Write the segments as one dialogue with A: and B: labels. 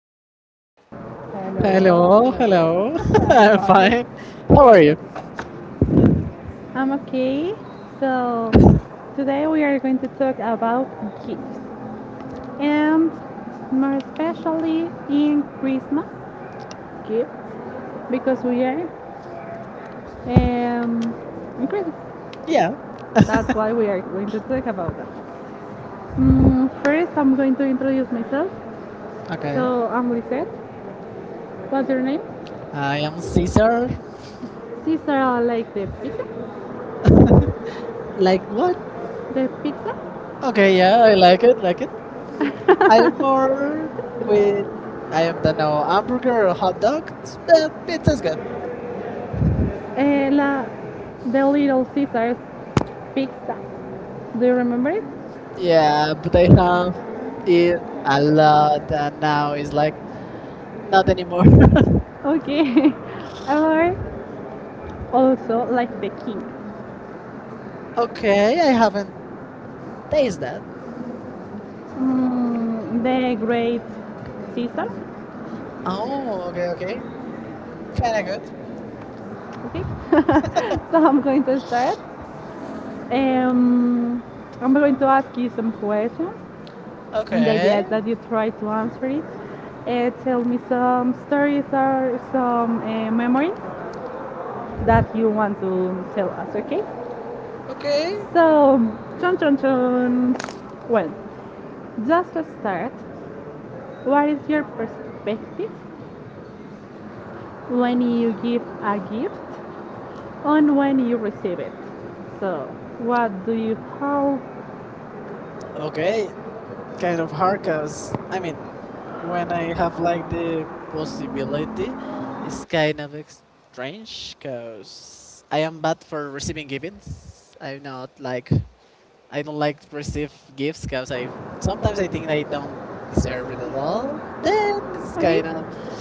A: today?
B: Hello, hello. I'm fine. How are you?
A: I'm okay. So, today we are going to talk about gifts and more especially in Christmas gifts because we are um, in Christmas. Yeah.
B: Yeah.
A: That's why we are going to talk about that. First, I'm going to introduce myself.
B: Okay.
A: So, I'm Lisette. What's your name?
B: I am Caesar.
A: Sister, I like the pizza. Like
B: Like
A: what?
B: what?
A: The pizza?
B: Okay,
A: Okay.
B: yeah, I like it, like it. I'm
A: I'm
B: more with. I
A: I
B: am
A: don't
B: don't know
A: know.
B: hamburger or hot dog.
A: Yeah,
B: But
A: pizza's
B: pizza's good.
A: good. Eh, la, the Little Caesars pizza. Do you remember it?
B: Yeah, but I
A: Yeah.
B: have eat a lot
A: I-
B: and now it's like
A: Not
B: not anymore.
A: okay. Or also like the king. Okay.
B: Okay, I haven't tasted that.
A: The great Caesar. Oh,
B: Oh,
A: okay,
B: okay, okay.
A: okay. Kinda
B: Kinda
A: good.
B: good.
A: Okay, so I'm going to start. Um, I'm going to ask you some questions, okay, and the idea is
B: Okay.
A: that you try to answer it. Tell me some stories or some memories that you want to tell us. Okay. Okay.
B: Okay.
A: So, chun chun chun. Well, just to start, what is your perspective when you give a gift and when you receive it? So, how okay.
B: Okay,
A: And
B: kind
A: the
B: of hard
A: parkers,
B: because
A: I
B: I
A: mean,
B: mean,
A: when
B: when
A: I
B: I have
A: have like
B: like the
A: the
B: possibility,
A: possibility,
B: it's kind of strange because I am bad for receiving events. I'm not like I don't like to receive gifts because I
A: sometimes
B: sometimes
A: I
B: I
A: think
B: think
A: I
B: I
A: don't
B: don't
A: serve
B: deserve it
A: it
B: at
A: well.
B: all.
A: Then,
B: Then it's
A: okay,
B: kind of
A: kind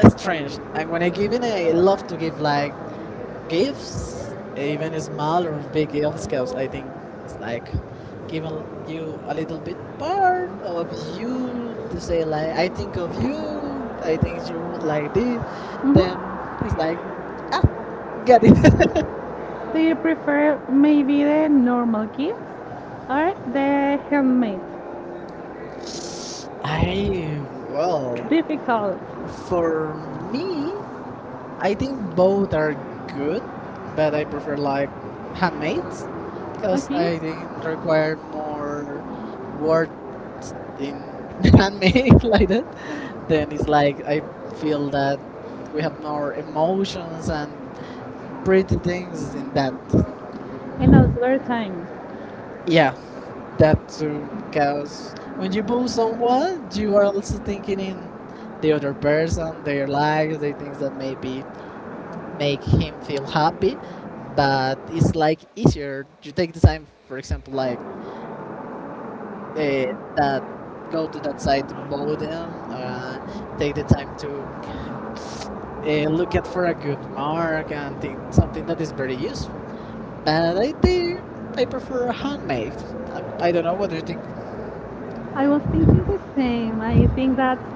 A: of strange.
B: strange.
A: Like
B: And
A: when
B: when I
A: I give
B: give
A: it,
B: in,
A: I
B: I
A: love
B: love
A: to
B: to
A: give
B: give
A: like
B: like
A: gifts,
B: gifts,
A: even
B: even
A: small
B: small
A: and
B: or
A: big
B: big
A: gifts
B: gifts,
A: because I
B: because I think
A: think it's
B: it's like
A: like giving it you a
B: giving
A: little bit
B: you a little bit
A: more
B: part of
A: or you
B: you to
A: to say
B: say like
A: like, I
B: I
A: think
B: think of
A: of you,
B: you,
A: I
B: I
A: think
B: think
A: you
B: you would
A: like
B: like this.
A: this. Mhm.
B: Then
A: Then
B: it's
A: it's
B: like
A: like,
B: ah, got
A: get.
B: it.
A: Do you prefer maybe the normal gifts or the handmade?
B: I
A: Wow.
B: well.
A: Difficult. For
B: For
A: me,
B: me,
A: I
B: I think
A: think both
B: both
A: are
B: are
A: good,
B: good,
A: but
B: but
A: I
B: I prefer
A: prefer
B: like
A: like
B: handmaids
A: handmade.
B: because
A: Like, okay,
B: I think
A: support
B: require more
A: or work
B: work in handmade like that.
A: with
B: Then it's
A: skill.
B: like I feel
A: We
B: that we have
A: have
B: more emotions and
A: free
B: pretty things in that.
A: them. And also their time. Yeah,
B: Yeah,
A: that
B: that too.
A: because
B: Because when
A: when you
B: you
A: go
B: boo
A: somewhere,
B: someone,
A: you
B: you are
A: are
B: also thinking in the other person, their lives, the things that maybe
A: make
B: make
A: it
B: him feel
A: feel
B: happy,
A: that
B: but it's like easier you take the time, for example, like uh,
A: uh, that
B: that
A: go
B: go
A: to
B: to
A: the
B: that
A: side
B: site
A: and go
B: bow
A: there
B: them and take
A: take
B: the
A: the time
B: time
A: to
B: to
A: take
B: look at for a
A: everything
B: good
A: more
B: mark
A: and
B: and
A: everything.
B: think something
A: Something
B: that
A: that
B: is
A: is
B: very
A: very useful.
B: useful, but I think
A: Like, I
B: I
A: prefer
B: prefer
A: a handbag.
B: handmade. i,
A: I
B: I don't
A: don't
B: know
A: know
B: what
A: what
B: do you
A: you
B: think.
A: think. I was thinking the same. I think that's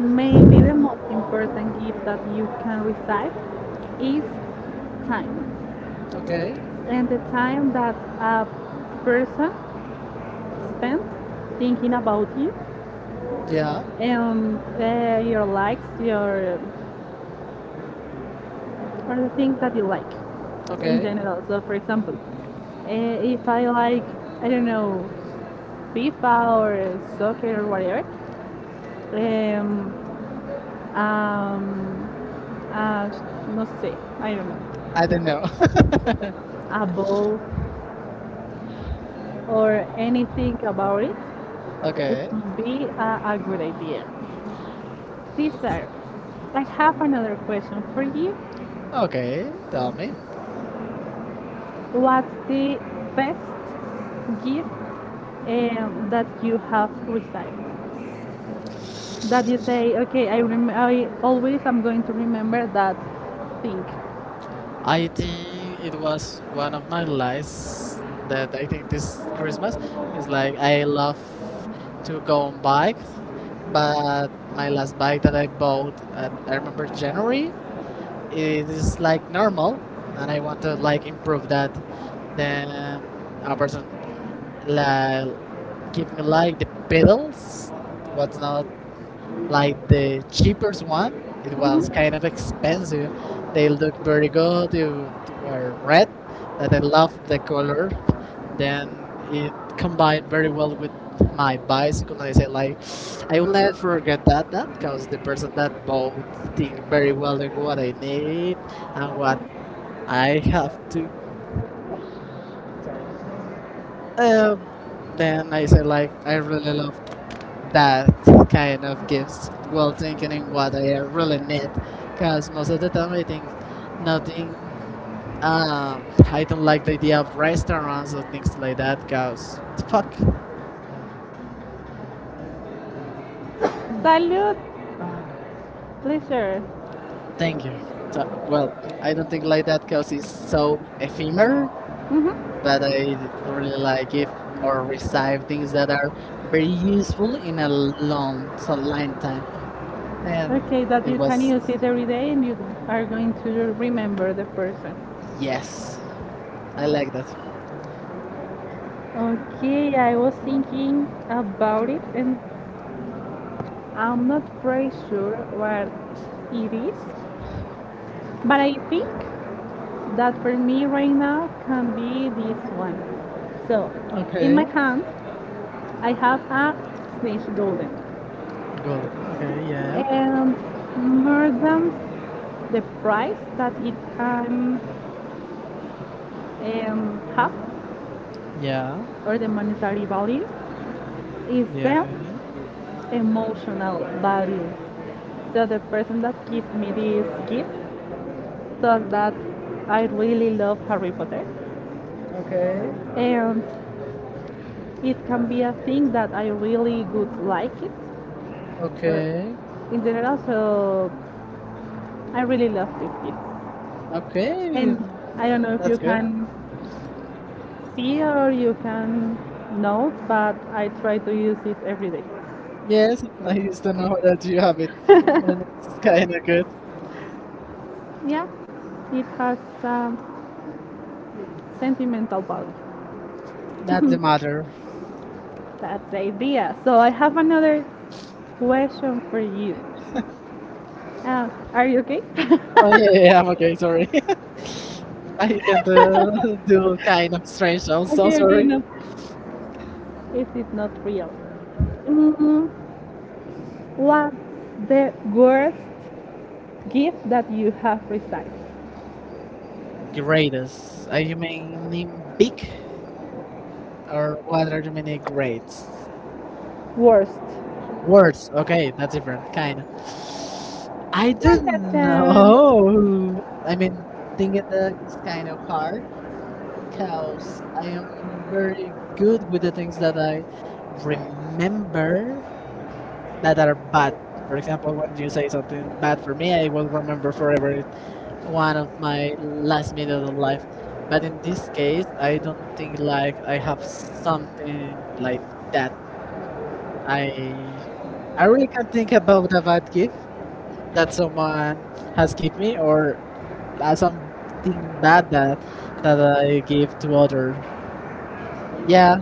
A: maybe the most important gift that you can receive is time. Okay.
B: Okay.
A: And the time that a person spends thinking about you,
B: Yeah.
A: yeah, and your likes, your or the things that you like, okay, in okay
B: Okay.
A: general. So, for example, if I like, I don't know, FIFA or soccer or whatever, um, um, uh, no sé, I don't know. I
B: I don't
A: don't
B: know.
A: know a ball or anything about it, okay, it
B: Okay.
A: would be a good idea. Cesar, I have another question for you. Oh,
B: Okay, tell
A: God.
B: me.
A: What's the best gift that you have received? That you say, okay, I always am going to remember that thing. I
B: I think it was one of my
A: want
B: lies
A: that
B: that I think this
A: first
B: Christmas
A: of all,
B: is
A: like
B: like I love
A: to
B: to go on
A: go
B: bikes,
A: by.
B: but my last bike that I bought, at, I remember January, it is
A: Like
B: like normal, and I want to like improve that. Then a person like give me like the pedals, what's not like the cheapest one, it was kind of expensive. They looked very good. They were red, that I love the color. Then it combined very well with my
A: like,
B: bicycle, and I say like,
A: I
B: I will never forget that. That
A: because
B: because the
A: the person
B: person that
A: can go
B: bought think very
A: very well
B: well in
A: with
B: what
A: what I
B: I
A: need. So,
B: need and what I have to. Um, then I say like, I really love
A: that
B: that kind of
A: will be
B: gives while
A: getting
B: thinking
A: what
B: what I
A: really
B: really need.
A: need. The
B: Because most of the time I think
A: have
B: nothing,
A: this
B: I don't like the idea of
A: restaurants
B: restaurants or
A: and
B: things
A: things
B: like
A: like
B: that
A: that
B: because
A: because
B: fuck,
A: salute, uh, pleasure. I think
B: thank you. So, well, I don't think like that because it's
A: so
B: so
A: I you married,
B: ephemeral,
A: mm-hmm, but
B: but
A: I'm
B: I really like if
A: more
B: or
A: of a side.
B: receive things that are very useful in a long, so long time. And
A: Okay, that
B: it
A: you can,
B: was,
A: yes, use it every day and you are going to remember the person. Yes,
B: yes,
A: I
B: I
A: like
B: like that.
A: it. Okay, I was thinking about it and I'm not very sure what it is, but I think that for me right now can be this one. So, in my
B: Okay.
A: hand, I have a Snitch Golden,
B: Gold. Okay, yeah,
A: and more than the price that it can have
B: yeah,
A: or the monetary value is the
B: yeah.
A: emotional value. So, the person that gives me this gift thought that I really love Harry Potter, okay, and it can be a thing that I really would like it or
B: Okay,
A: in general. So I really love this gift.
B: okay.
A: And I don't know if
B: That's
A: you
B: good.
A: can see or you can note, but I try to use it every day. Yeah.
B: Yes, I used to know that you have it, and it's
A: Okay.
B: kind of good.
A: Yeah, it has um, sentimental value. That's
B: That's the matter.
A: the idea. So I have another question for you. Are you okay?
B: Oh yeah, yeah, yeah, I'm okay. Sorry, I can do
A: Okay.
B: kind of strange sounds, so
A: Okay, okay,
B: sorry.
A: no. Is it not real? Mm, What's the worst gift that you have received? Great.
B: Greatest. Are you meaning big, or what are you meaning grades?
A: Worst.
B: Words. Okay, that's different. Kind
A: And
B: of.
A: I
B: I
A: don't
B: don't
A: dun. know
B: know. I
A: think
B: mean, thinking that
A: that
B: is
A: is
B: kind
A: kind
B: of
A: of hard.
B: hard, because
A: So
B: I
A: I
B: am
A: am very
B: very good
A: good
B: with the things that I
A: remember
B: remember
A: that,
B: that are bad.
A: for
B: For
A: example,
B: example,
A: when
B: when you
A: you said
B: say something
A: something bad
B: bad
A: for
B: for
A: me,
B: me, I will remember forever one of my last minute of life.
A: but
B: But in this case, I don't think like I have something
A: something
B: like
A: like that.
B: that.
A: I
B: I I
A: I really
B: really can't
A: happy
B: think about a bad gift that
A: that's
B: someone has
A: have
B: given me or something
A: that
B: bad that I give to other.
A: but
B: Yeah,
A: yeah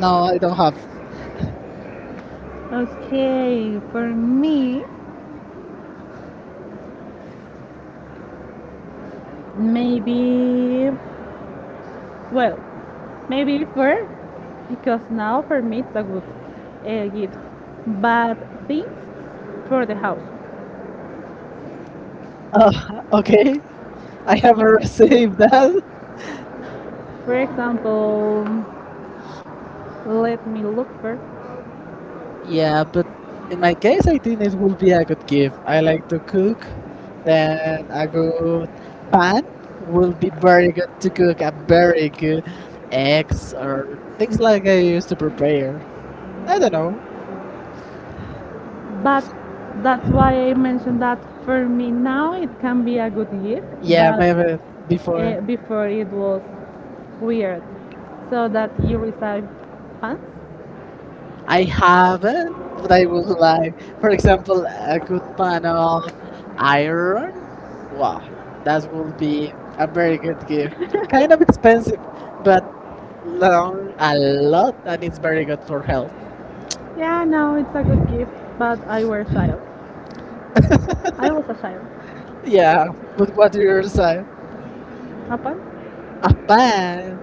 A: no I
B: I
A: don't
B: don't have.
A: have. Okay, for me, maybe, well, maybe for, because now for me it's a good gift, but things for the house.
B: Uh,
A: uh, okay,
B: okay,
A: I
B: I have a
A: haven't
B: received
A: received
B: that.
A: them. For example, let me look first.
B: Yeah, but in
A: My
B: my case, I think it would be a good gift. I like to cook, then a good pan will be very good to cook a very
A: very good.
B: good eggs or things like I used to prepare. I don't know.
A: But that's why I mentioned that for me now it can be a good gift, yeah,
B: Yeah, maybe
A: but
B: before.
A: before it was weird. So that you receive pants.
B: I haven't, but
A: But I
B: I
A: would
B: would like, for example, a good pan of
A: like.
B: iron. Wow,
A: Yeah. That
B: that will be a very good gift. Kind
A: kind
B: of
A: of,
B: expensive,
A: but
B: but
A: no.
B: long a lot, and it's very good for health.
A: Yeah, no, it's a good gift, but I were a child. I was a child.
B: Yeah,
A: Yeah.
B: but
A: With
B: what
A: what
B: do
A: you
B: you
A: were saying.
B: say?
A: Apa?
B: A pan.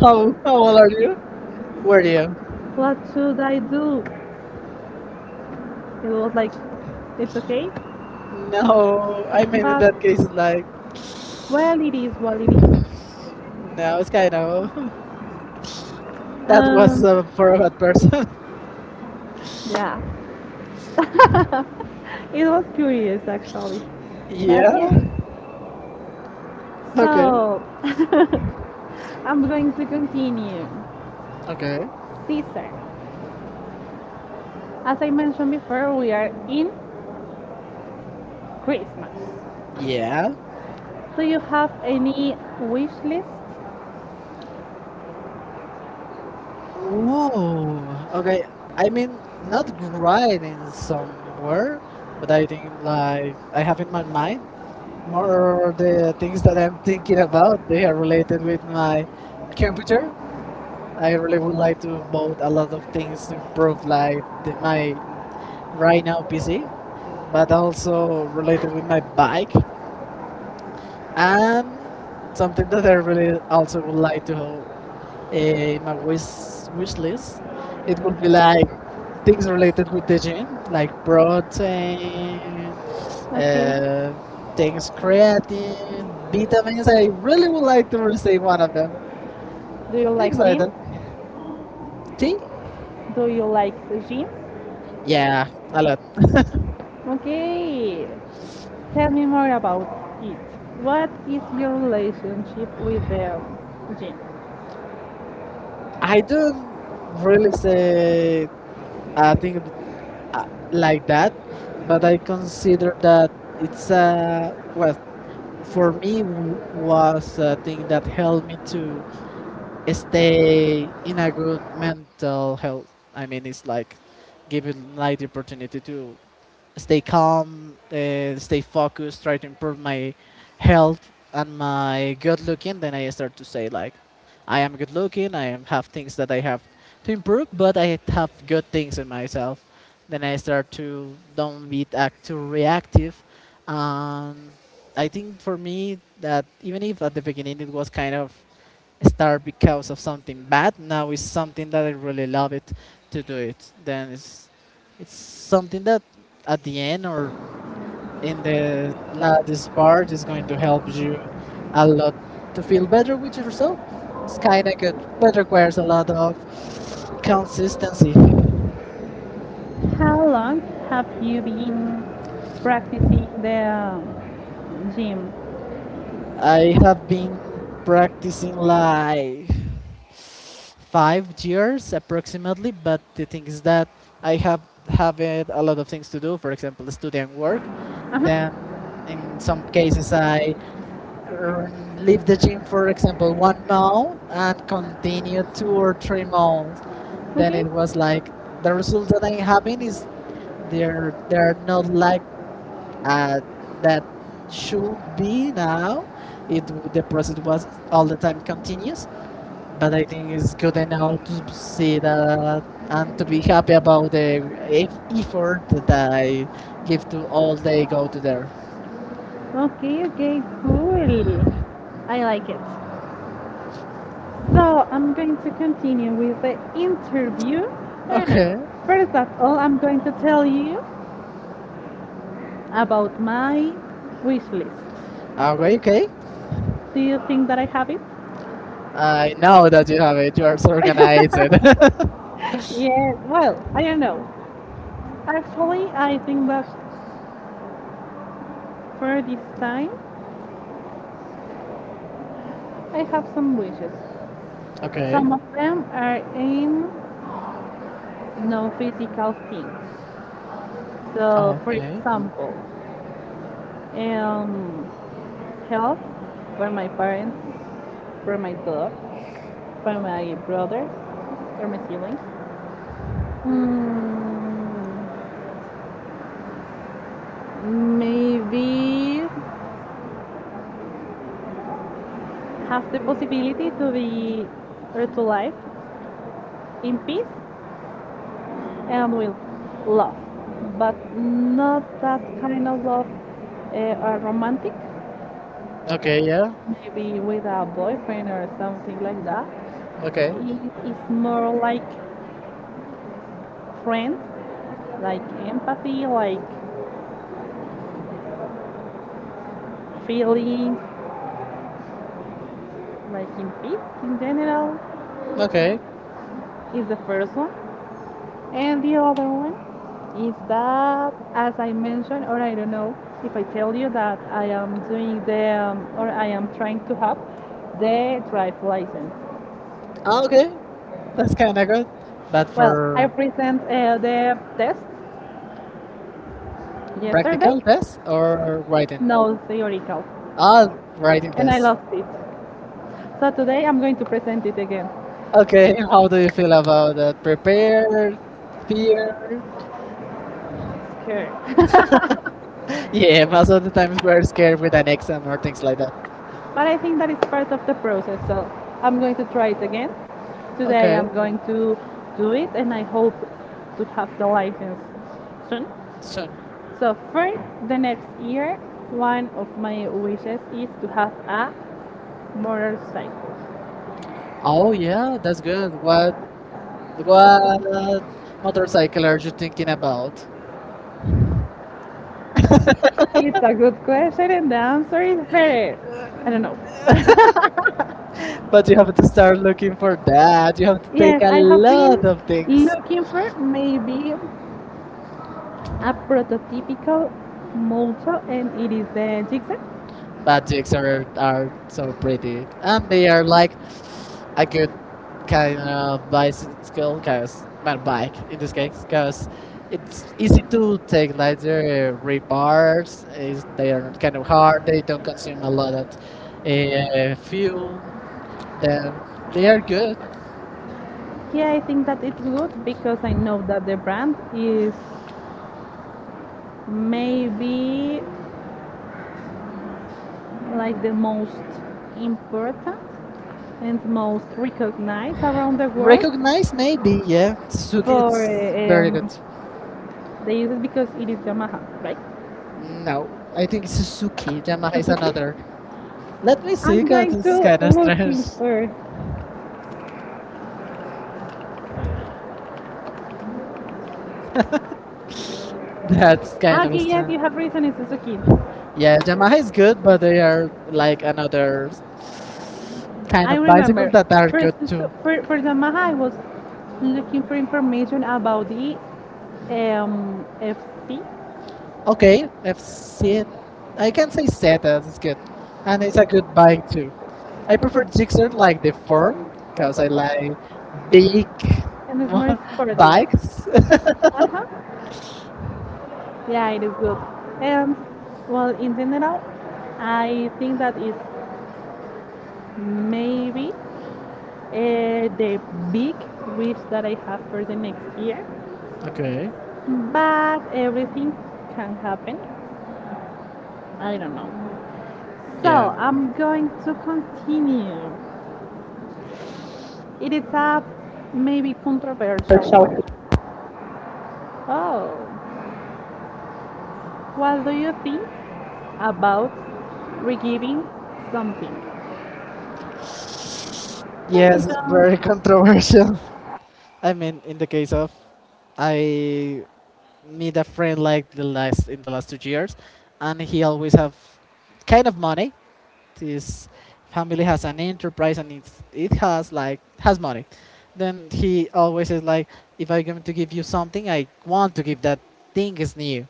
A: How,
B: How
A: how
B: how
A: old
B: old are
A: are-
B: you?
A: were
B: Were
A: you?
B: you?
A: What should I do? It was like, it's okay, no,
B: No,
A: I
B: I mean in
A: remember
B: that case, like
A: but well, it is what it is.
B: no,
A: Yeah.
B: it's kind of
A: That
B: that was
A: was
B: for a bad person.
A: not- yeah. It was curious actually. But yeah?
B: Yeah.
A: Yes, okay,
B: Okay.
A: so I'm going to continue. Okay.
B: Okay.
A: Caesar. As I mentioned before, we are in Christmas.
B: Yeah.
A: Yeah. Do you have any wish list? No.
B: Oh.
A: Okay.
B: Okay. I mean,
A: Not.
B: not writing
A: So,
B: somewhere, but I
A: like.
B: think like I have in my mind
A: More
B: more the things that I'm thinking
A: about
B: about. They are related with my
A: computer.
B: computer. I
A: I read
B: really would like to
A: the
B: vote a
A: whole
B: lot of things to
A: things from
B: improve, like the, my
A: right
B: right now PC, but also related with my bike. And something that I really also would like to have in my wish list, it would be like things related with the gym, like
A: like
B: protein,
A: okay.
B: uh, things creatine,
A: He does
B: vitamins. I
A: really
B: really would
A: like
B: like to
A: to say
B: receive
A: one
B: one
A: of
B: of them.
A: them. Do you like
B: Things like that.
A: gym?
B: Tea?
A: Do you like the gym? Yeah.
B: Yeah, a lot.
A: Okay. Tell me more about it. What is your relationship with the gym? I
B: I don't
A: would have
B: really
A: liked
B: say I think
A: the
B: uh, like that, but I consider that it's a well for me
A: for what to
B: was a thing that helped me to
A: is
B: stay in a good mental health. I mean, it's like giving like the opportunity to stay calm, stay focused, try to improve my health and my good looking, then I start to say like, I am good looking. I am, have things that I have to improve, but I have good things in myself. Then I start to don't be act too reactive. Um, I think for me that even if at the beginning it was kind of start because of something bad. Now it's something that I really love it to do it. Then it's something that at the end or in the
A: love is
B: last
A: barred
B: part is going
A: and
B: to help you
A: have.
B: a lot to feel better with
A: It's
B: yourself. It's
A: kind
B: kind
A: of
B: of
A: the
B: good, but
A: better part
B: requires a lot of
A: of what comes.
B: consistency.
A: How long have you been practicing the gym? I
B: I have been
A: have.
B: practicing like 5 years approximately. But the thing is that I have it a lot of things to do. For example, study and work.
A: Uh-huh.
B: Then in some cases I leave the gym, for example, one month and continue 2 or 3 months. Then
A: Okay.
B: it was like the results that I'm having is they're not like uh, that should be now. The process was all
A: All
B: the
A: the
B: time
A: continues.
B: continuous,
A: But
B: but I
A: it
B: think it's
A: is good
B: good
A: to
B: enough to
A: see
B: see
A: that I
B: that and
A: have
B: to
A: to be
B: be happy
A: happy
B: about
A: about the
B: the effort that I
A: gift.
B: give to all they go to there.
A: Okay, okay, cool. I like it. So I'm going to continue with the interview. And
B: Okay.
A: first of all, I'm going to tell you about my wish list.
B: Okay, okay.
A: Do you think that I have it?
B: I know that you have it. You are so organized.
A: Yeah, well, I don't know. Actually, I think that for this time, I have some wishes.
B: Okay.
A: Some of them are in no physical things. So, for
B: Okay.
A: example, um, health for my parents, for my dog, by my brothers or my siblings. Mm, Maybe have the possibility to be or to live in peace and with love, but not that kind of love or romantic.
B: Okay,
A: Okay.
B: yeah.
A: Maybe with a boyfriend or something like that. Okay.
B: Okay.
A: It is more like friends, like empathy, like feeling, like in peace in general, okay,
B: Okay.
A: is the first one and the other one is that as I mentioned or I don't know if I tell you that I am doing the or I am trying to have the drive license. Ah, okay.
B: Okay. That's kind of good. But
A: Well I
B: for
A: present the test yesterday,
B: practical test or writing?
A: no, theoretical,
B: Ah, Writing
A: and I
B: test.
A: lost it, so today I'm going to present it again.
B: Okay,
A: Okay.
B: how do you feel about that? Prepared,
A: Here.
B: fear? Yeah, most of the times we're scared with an exam or things like that.
A: Like, but I think that is part of the process. So I'm going to try it again. Today
B: Okay,
A: I'm going to do it and I hope to have the license soon. Soon.
B: soon.
A: So for the next year, one of my wishes is to have a motorcycle. Oh,
B: Oh
A: yeah.
B: yeah, that's good.
A: What,
B: What
A: what?
B: what motorcycle are you thinking about?
A: It's a good question and the answer is very I don't know.
B: But you have to start looking for that. You have to
A: Yes,
B: take a
A: I have been
B: lot of things.
A: looking for maybe a prototypical motto and it is the Jigsaw.
B: But jigs are so pretty, and they are like a good kind of bicycle, cause my bike in this case, cause it's easy to take lighter repairs. Is they are not kind of hard. They don't consume a lot of fuel. Then they are good.
A: Yeah, I think that it's good because I know that the brand is maybe like the most important and most recognized around the world.
B: Recognize maybe, yeah. Suzuki,
A: For
B: it's very good.
A: they use it because it is Yamaha, right? No,
B: No, I think
A: it
B: Suzuki.
A: is
B: Yamaha is
A: Suzuki.
B: another. Let me see,
A: I'm
B: cause
A: going to
B: it's kind of
A: look
B: strange.
A: him for.
B: That's kind of
A: Okay, yes,
B: strange.
A: you have reason. It's Suzuki.
B: Yeah, Yamaha is good, but they are like another kind
A: I
B: of bicycle
A: remember
B: that are
A: first
B: good too.
A: for Yamaha I was looking for information about the FC7.
B: Okay, I've seen.
A: I
B: I
A: can
B: can
A: say
B: say
A: seven,
B: Zetas is good, and
A: and it's
B: it's
A: a
B: a
A: good
B: good bike
A: bike too.
B: too.
A: I
B: I
A: prefer
B: prefer
A: Disney
B: Gixxer
A: like
B: like the
A: before
B: form
A: because
B: because
A: I
B: I like
A: like being
B: big
A: and it's more
B: mo-
A: by sportive bike.
B: bikes.
A: Uh-huh. Yeah, it is good. And well, in general, I think that is maybe the big wish that I have for the next year.
B: Okay.
A: But everything can happen. I don't know. So
B: Yeah.
A: I'm going to continue. It is a maybe controversial. Oh, what do you think about regiving something? Yes,
B: Yes,
A: of
B: it's
A: chun.
B: very
A: Course.
B: controversial. I mean, in the case of I meet a friend like the last in the last 2 years, and he always have kind of money, his family has an enterprise and it's, it has like has money then he always is like if I'm going to give you something I want to give that thing is new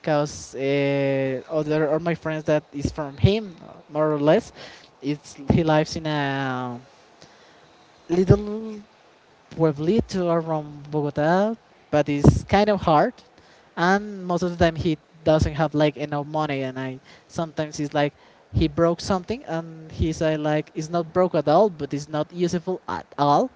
B: because other or my friends that is from him more or less it's he lives in a little Pueblito around Bogota, but it's kind of hard. And most of the time he doesn't have like enough money, and I sometimes it's like he broke something, and he said like it's not broke at all, but it's not useful at all.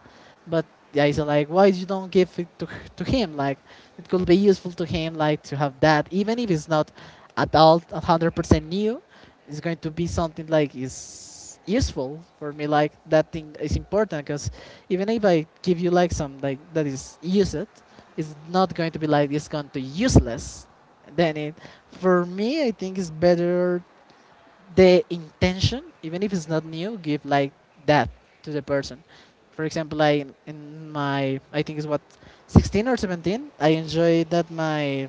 B: But I said like why you don't give it to him? Like it could be useful to him like to have that, even if it's not at all 100% new. It's going to be something like is useful for me. Like that thing is important because even if I give you like some like that is use it, it's not going to be like it's going to useless. Then it For me I think it's better the intention, even if it's not new, give like that to the person. For example, I in my I think it's what 16 or 17, I enjoyed that my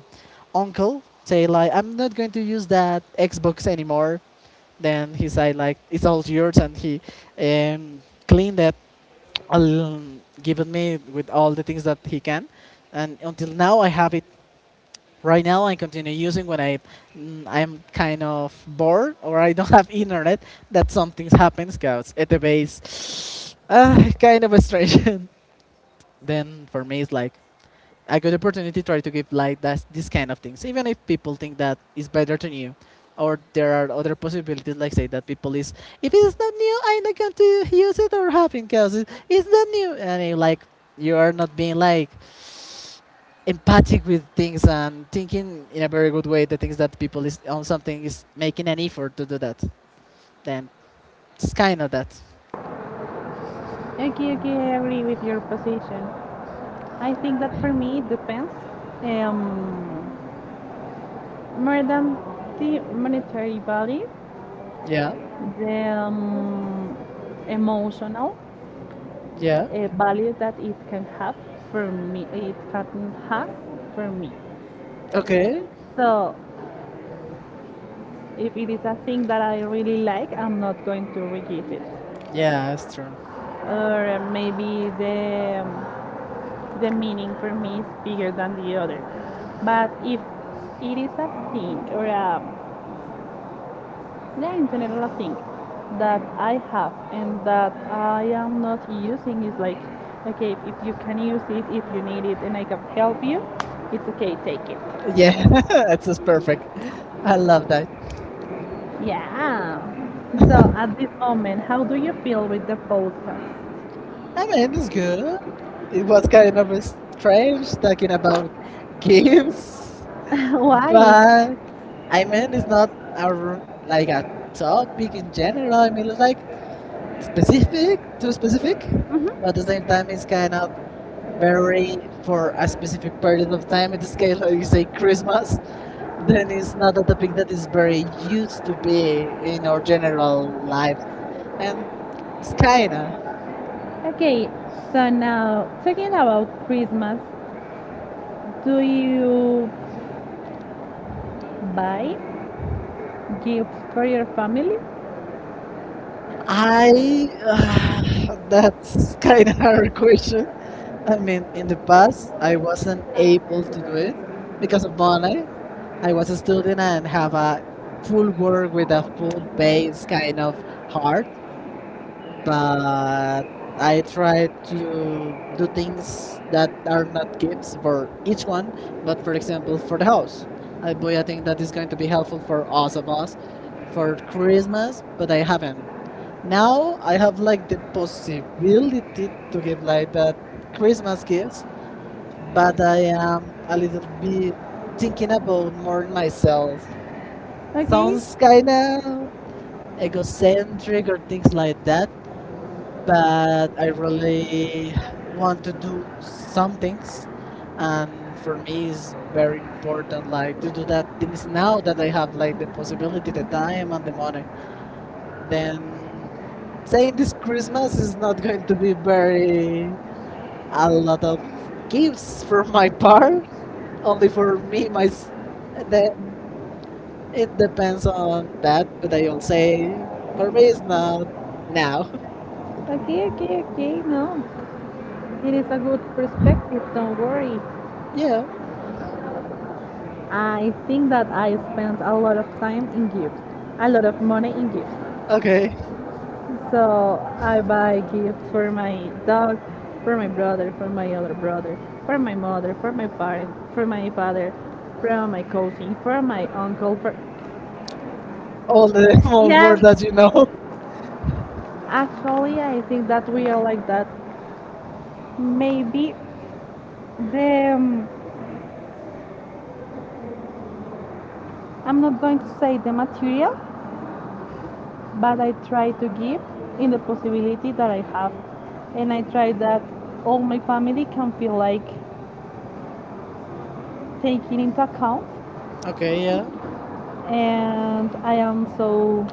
B: uncle say like I'm not going to use that Xbox anymore. Then he said like it's all yours and he cleaned it al- given me with all the things that he can, and until now I have it. Right now I continue using when I I'm kind of bored or I don't have internet that something happens because at the base, kind of a strange. Then for me it's like a good opportunity to try to give like that this kind of things even if people think that it's better than you or there are other possibilities like say that people is if it's not new I'm not going to use it or having because it's not new and like you are not being like empathic with things and thinking in a very good way the things that people is on something is making an effort to do that then it's kind of that.
A: Okay, okay, I agree with your position. I think that for me it depends. Um, More than the monetary value, yeah,
B: yeah
A: the emotional
B: yeah
A: value that it can have for me, it can has for me.
B: Okay.
A: So if it is a thing that I really like, I'm not going to re-give it.
B: Yeah,
A: Yes.
B: it's true.
A: Or maybe the meaning for me is bigger than the other. But if it is a thing or in general a thing that I have and that I am not using is like okay, if you can use it, if you need it and I can help you, it's okay, take it.
B: Yeah.
A: Yeah.
B: It's just perfect. I love that.
A: Yeah. So at this moment, how do you feel with the podcast?
B: I mean, it's good. It was kind of
A: It was
B: strange talking about
A: cute.
B: games,
A: Why?
B: but
A: But I
B: I
A: know
B: mean, it's
A: not
B: not
A: album like
B: like
A: that.
B: a
A: All
B: topic
A: in
B: in general.
A: general,
B: I mean, it's
A: like
B: like
A: specific,
B: specific, too specific, but
A: but
B: at the same
A: it's
B: time, it's kind of very
A: very
B: for a
A: a
B: specific
A: specific part of.
B: period of time. In this case, like you say, Christmas,
A: Then
B: then
A: it's
B: it's
A: not
B: not a topic that is
A: is very
B: very
A: used
B: used
A: to
B: to
A: being
B: be
A: in
B: in our
A: our general
B: general
A: life.
B: life.
A: And
B: And it's
A: it's
B: kinda.
A: tiring. Okay, so now talking about Christmas, do you buy gifts for your family? I
B: I
A: that's
B: that's kind of hard
A: I'm and
B: question. I mean, in the
A: it-
B: past, I wasn't able to do it
A: was because
B: because of
A: of
B: money. I
A: I
B: was a
A: was
B: student and have a
A: food
B: full work with a full
A: food bank
B: pay is
A: kind
B: kind
A: of
B: of
A: hard,
B: hard,
A: but
B: but
A: I
B: I
A: tried
B: try
A: to
B: to do
A: do things
B: things
A: that
B: that are not
A: tips
B: gifts
A: for
B: for
A: each
B: each
A: one,
B: one,
A: but
B: but for
A: for
B: example,
A: example,
B: for
A: for
B: the
A: the health,
B: house. I
A: like
B: buy a
A: that
B: thing that is
A: is
B: going
A: going
B: to
A: to
B: be
A: be
B: helpful
A: helpful for
B: for us of
A: Ocelos,
B: us
A: for
B: for
A: tourism,
B: Christmas, but
A: but
B: I
A: I
B: haven't.
A: haven't.
B: Now I have like the
A: Just
B: possibility to give like that Christmas gifts, but I am a little bit thinking about more in myself.
A: okay,
B: Sounds
A: that,
B: kind of egocentric or things like that, but I really want to do some things. And for me, it's
A: forgive
B: very important like to do that
A: like
B: things now that I have like the
A: like
B: possibility, the time, and the money.
A: like
B: Then saying this Christmas
A: no
B: is not going to be very a lot of
A: gifts
B: gifts
A: for
B: from my part, only for
A: or
B: me.
A: made by
B: That
A: them
B: it depends on
A: that
B: that, but
A: but I
B: I'll
A: will say
B: say for me it's not
A: now.
B: now.
A: Okay, okay, okay. No, it is a good perspective. Don't worry. You
B: Yeah.
A: I think that I spent a lot of time in gifts, a lot of money in gifts. Okay.
B: Okay.
A: So I buy gifts for my dog, for my brother, for my other brother, for my mother, for my parent, for my father, from my cousin, for my uncle, for all,
B: All
A: the
B: the
A: whole,
B: small
A: yeah,
B: word that you
A: world.
B: know.
A: Actually, I think that we are like that. Maybe the I'm not going to say the material, but I try to give in the possibility that I have, and I try that all my family can feel like taking into account,
B: Okay. Yeah.
A: and I am so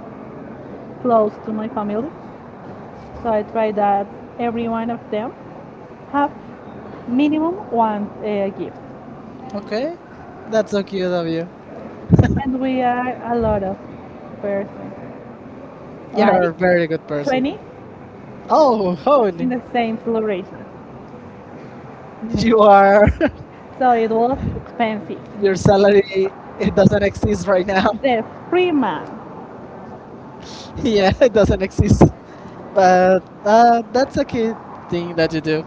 A: close to my family. So I try that every one of them have minimum one gift,
B: Okay. That's so cute of you.
A: and we are a lot of persons,
B: You're
A: like
B: a very good person.
A: 20
B: Oh,
A: in
B: Hone,
A: the same celebration.
B: you are.
A: So it was expensive.
B: Your salary, it doesn't exist right now.
A: The free man.
B: Yeah, it doesn't exist. But that's a key thing that you do.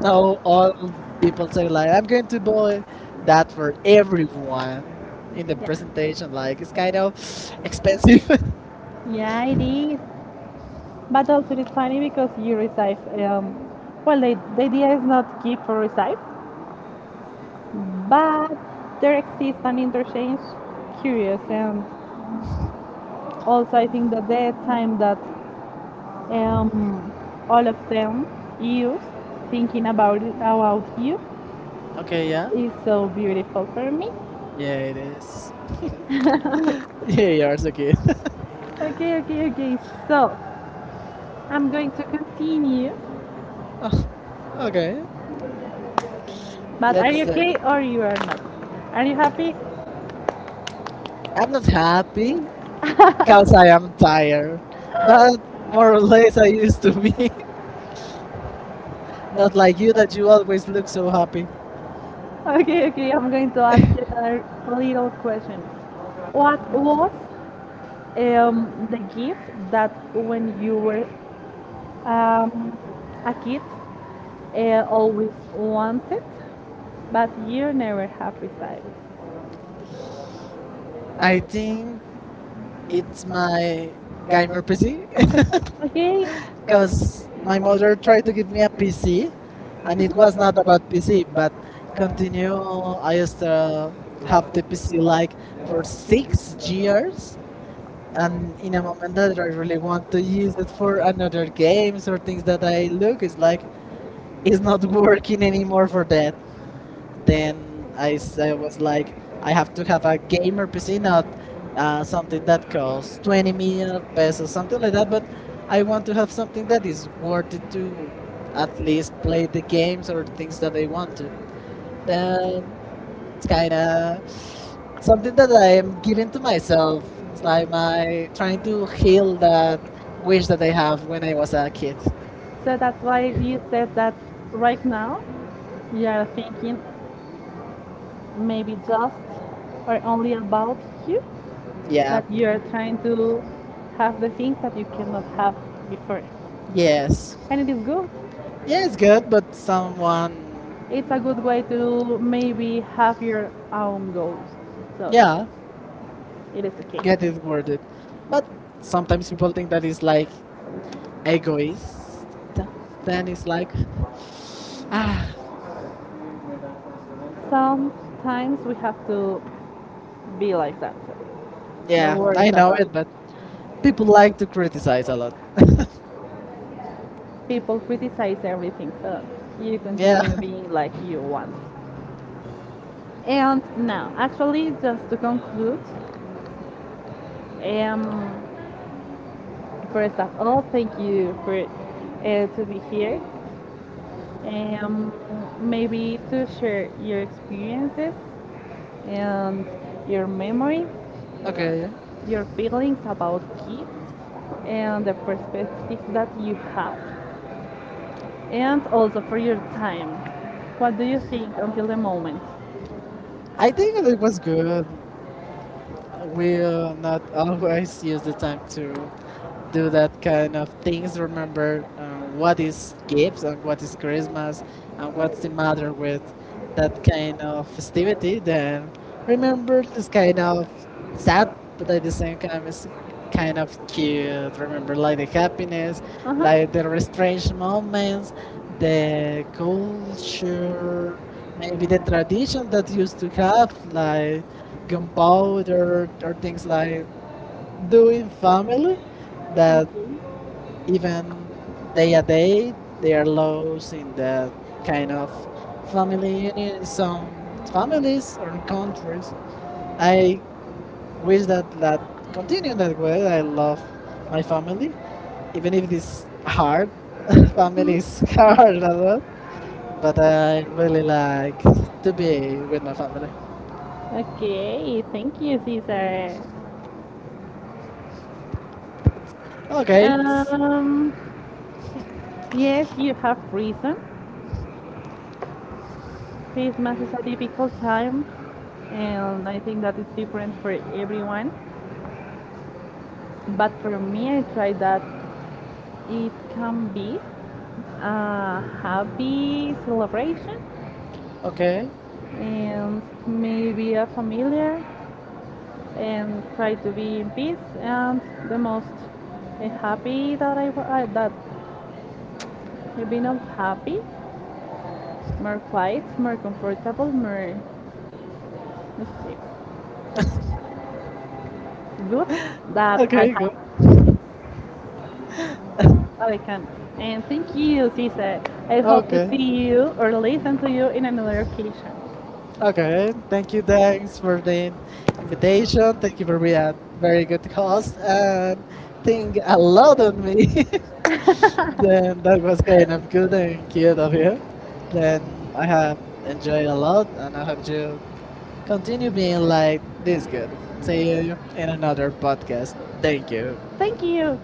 B: Now all people say like, I'm going to buy that for everyone in the
A: Yeah.
B: presentation. Like it's kind of expensive.
A: Yeah, it is. But also it is funny because you receive, well, the idea is not give for receive, but there exists an interchange curious. And also I think that the time that um, all of them use thinking about it, about you
B: Okay, yeah,
A: is so beautiful for me.
B: yeah, it is.
A: okay,
B: Yeah, yours okay.
A: okay, okay. So I'm going to continue.
B: Okay,
A: But are
B: let's
A: you
B: say
A: okay or you are not? Are you happy?
B: I'm not happy because I am tired, but more or less I used to be. Not like you that you always look so happy.
A: Okay, okay, I'm going to ask you a little question. What was the gift that when you were um, a kid always wanted, but you never have received? I
B: I think
A: think
B: it's
A: it's my
B: my
A: gamer
B: gamer PC.
A: PC. Okay, because
B: Because
A: my
B: my
A: mother
B: mother tried
A: kept
B: to give
A: giving
B: me
A: me
B: a
A: a PC
B: PC, and
A: and
B: it
A: it was
B: was not about PC. But
A: continue
B: continue, I used to
A: have
B: have
A: to
B: the
A: be
B: PC
A: like
B: like
A: for
B: for
A: six
B: six
A: years
B: years,
A: and
B: and in a moment
A: Yamada
B: that I really
A: doesn't want
B: want
A: to
B: to
A: use
B: use
A: it
B: it
A: for
B: for
A: another
B: another
A: game.
B: games or things that I look, it's like
A: It's
B: it's
A: not,
B: not working anymore for that then I was like, I have to have a gamer PC,
A: you know,
B: not
A: uh,
B: something that costs 20 million
A: okay,
B: pesos,
A: so
B: something
A: something like
B: like that.
A: that
B: But I want to have something that is
A: is worth
B: worth it to
A: at
B: at
A: least
B: least play the games or things that I want to. Then it's kind of something that I am
A: like.
B: giving to
A: So,
B: myself. It's
A: so
B: like my trying
A: thank you
B: to heal
A: that.
B: that wish that I have when I was a kid.
A: So that's why you said that right now you are thinking maybe just or only about you. Yeah.
B: Yeah.
A: But you are trying to have the things that you cannot have before.
B: Yes.
A: And it is good.
B: Yeah,
A: Yeah,
B: it's good, but
A: so good.
B: someone.
A: It's a good way to maybe have your own goals. So yeah,
B: Yeah.
A: it is
B: Get
A: okay.
B: it worded. But sometimes people think that it's like egoist. Then it's like, ah,
A: Sometimes we have to be like that. So yeah. No
B: yeah, I
A: worries.
B: know it, but people like to criticize a lot.
A: People criticize everything, so you
B: Yeah,
A: continue, yeah, being like you want. And now, actually, just to conclude, um, first of all, thank you for to be here. Um, Maybe to share your experiences and your memories,
B: okay.
A: your feelings about kids and the perspective that you have, and also for your time. What do you think until the moment?
B: I think it was good. We not always use the time to do that kind of things. Remember what is gifts and what is Christmas and what's the matter with that kind of festivity. Then
A: I know,
B: remember this kind of sad,
A: that
B: but
A: because
B: at the same time it's kind of cute. Remember like
A: like
B: the
A: a captain has,
B: happiness,
A: uh-huh,
B: like the
A: liability.
B: strange moments, the culture
A: Insurance,
B: maybe
A: maybe
B: the tradition that used to have
A: computer,
B: like gunpowder or
A: things
B: things
A: like
B: like
A: do
B: doing
A: family,
B: family that
A: even
B: even day a day they are losing that
A: kind
B: kind
A: of
B: of
A: from
B: family union in
A: some
B: some
A: families
B: families or
A: and
B: in
A: countries.
B: countries.
A: I
B: I wish that that
A: I didn't
B: continue that
A: know
B: way. I love my family,
A: family,
B: even if it is
A: because
B: hard.
A: Tapi
B: Family is
A: sekarang
B: hard a
A: dapat
B: lot, but
A: dapat
B: I really
A: bola
B: like to
A: gede
B: be with my
A: dapat.
B: family.
A: Okay, thank you, Cesar. Okay.
B: Okay, it's-
A: Yes, you have reason. Christmas is a difficult time, and I think that it's different for everyone. But for me, I try that it can be a happy celebration. Okay.
B: okay,
A: And maybe a familiar and try to be in peace and the most happy that I that I've been happy, more quiet, more comfortable, more let's see, good that
B: okay, good,
A: I can. And thank you, Cisa. I hope to
B: okay,
A: see you or listen to you in another occasion. Okay,
B: okay.
A: I
B: Thank you,
A: think that
B: thanks for the
A: the presentation,
B: invitation. Thank you
A: it will
B: for
A: be
B: being
A: a
B: a
A: very
B: very
A: good
B: good
A: talk
B: host
A: and
B: and
A: think
B: think a
A: a
B: lot
A: lot
B: on
A: on
B: me.
A: me. Yeah,
B: Then
A: I
B: that
A: was
B: was
A: quite
B: kind
A: a
B: of good
A: student
B: and
A: here,
B: cute of you.
A: okay. So
B: Then I
A: I have
B: have
A: enjoyed
B: enjoyed a
A: a lot.
B: lot
A: I
B: and I hope you
A: have
B: continue
A: continued
B: being like this
A: this
B: good. See
A: year.
B: you in another podcast. Thank you.
A: Thank you.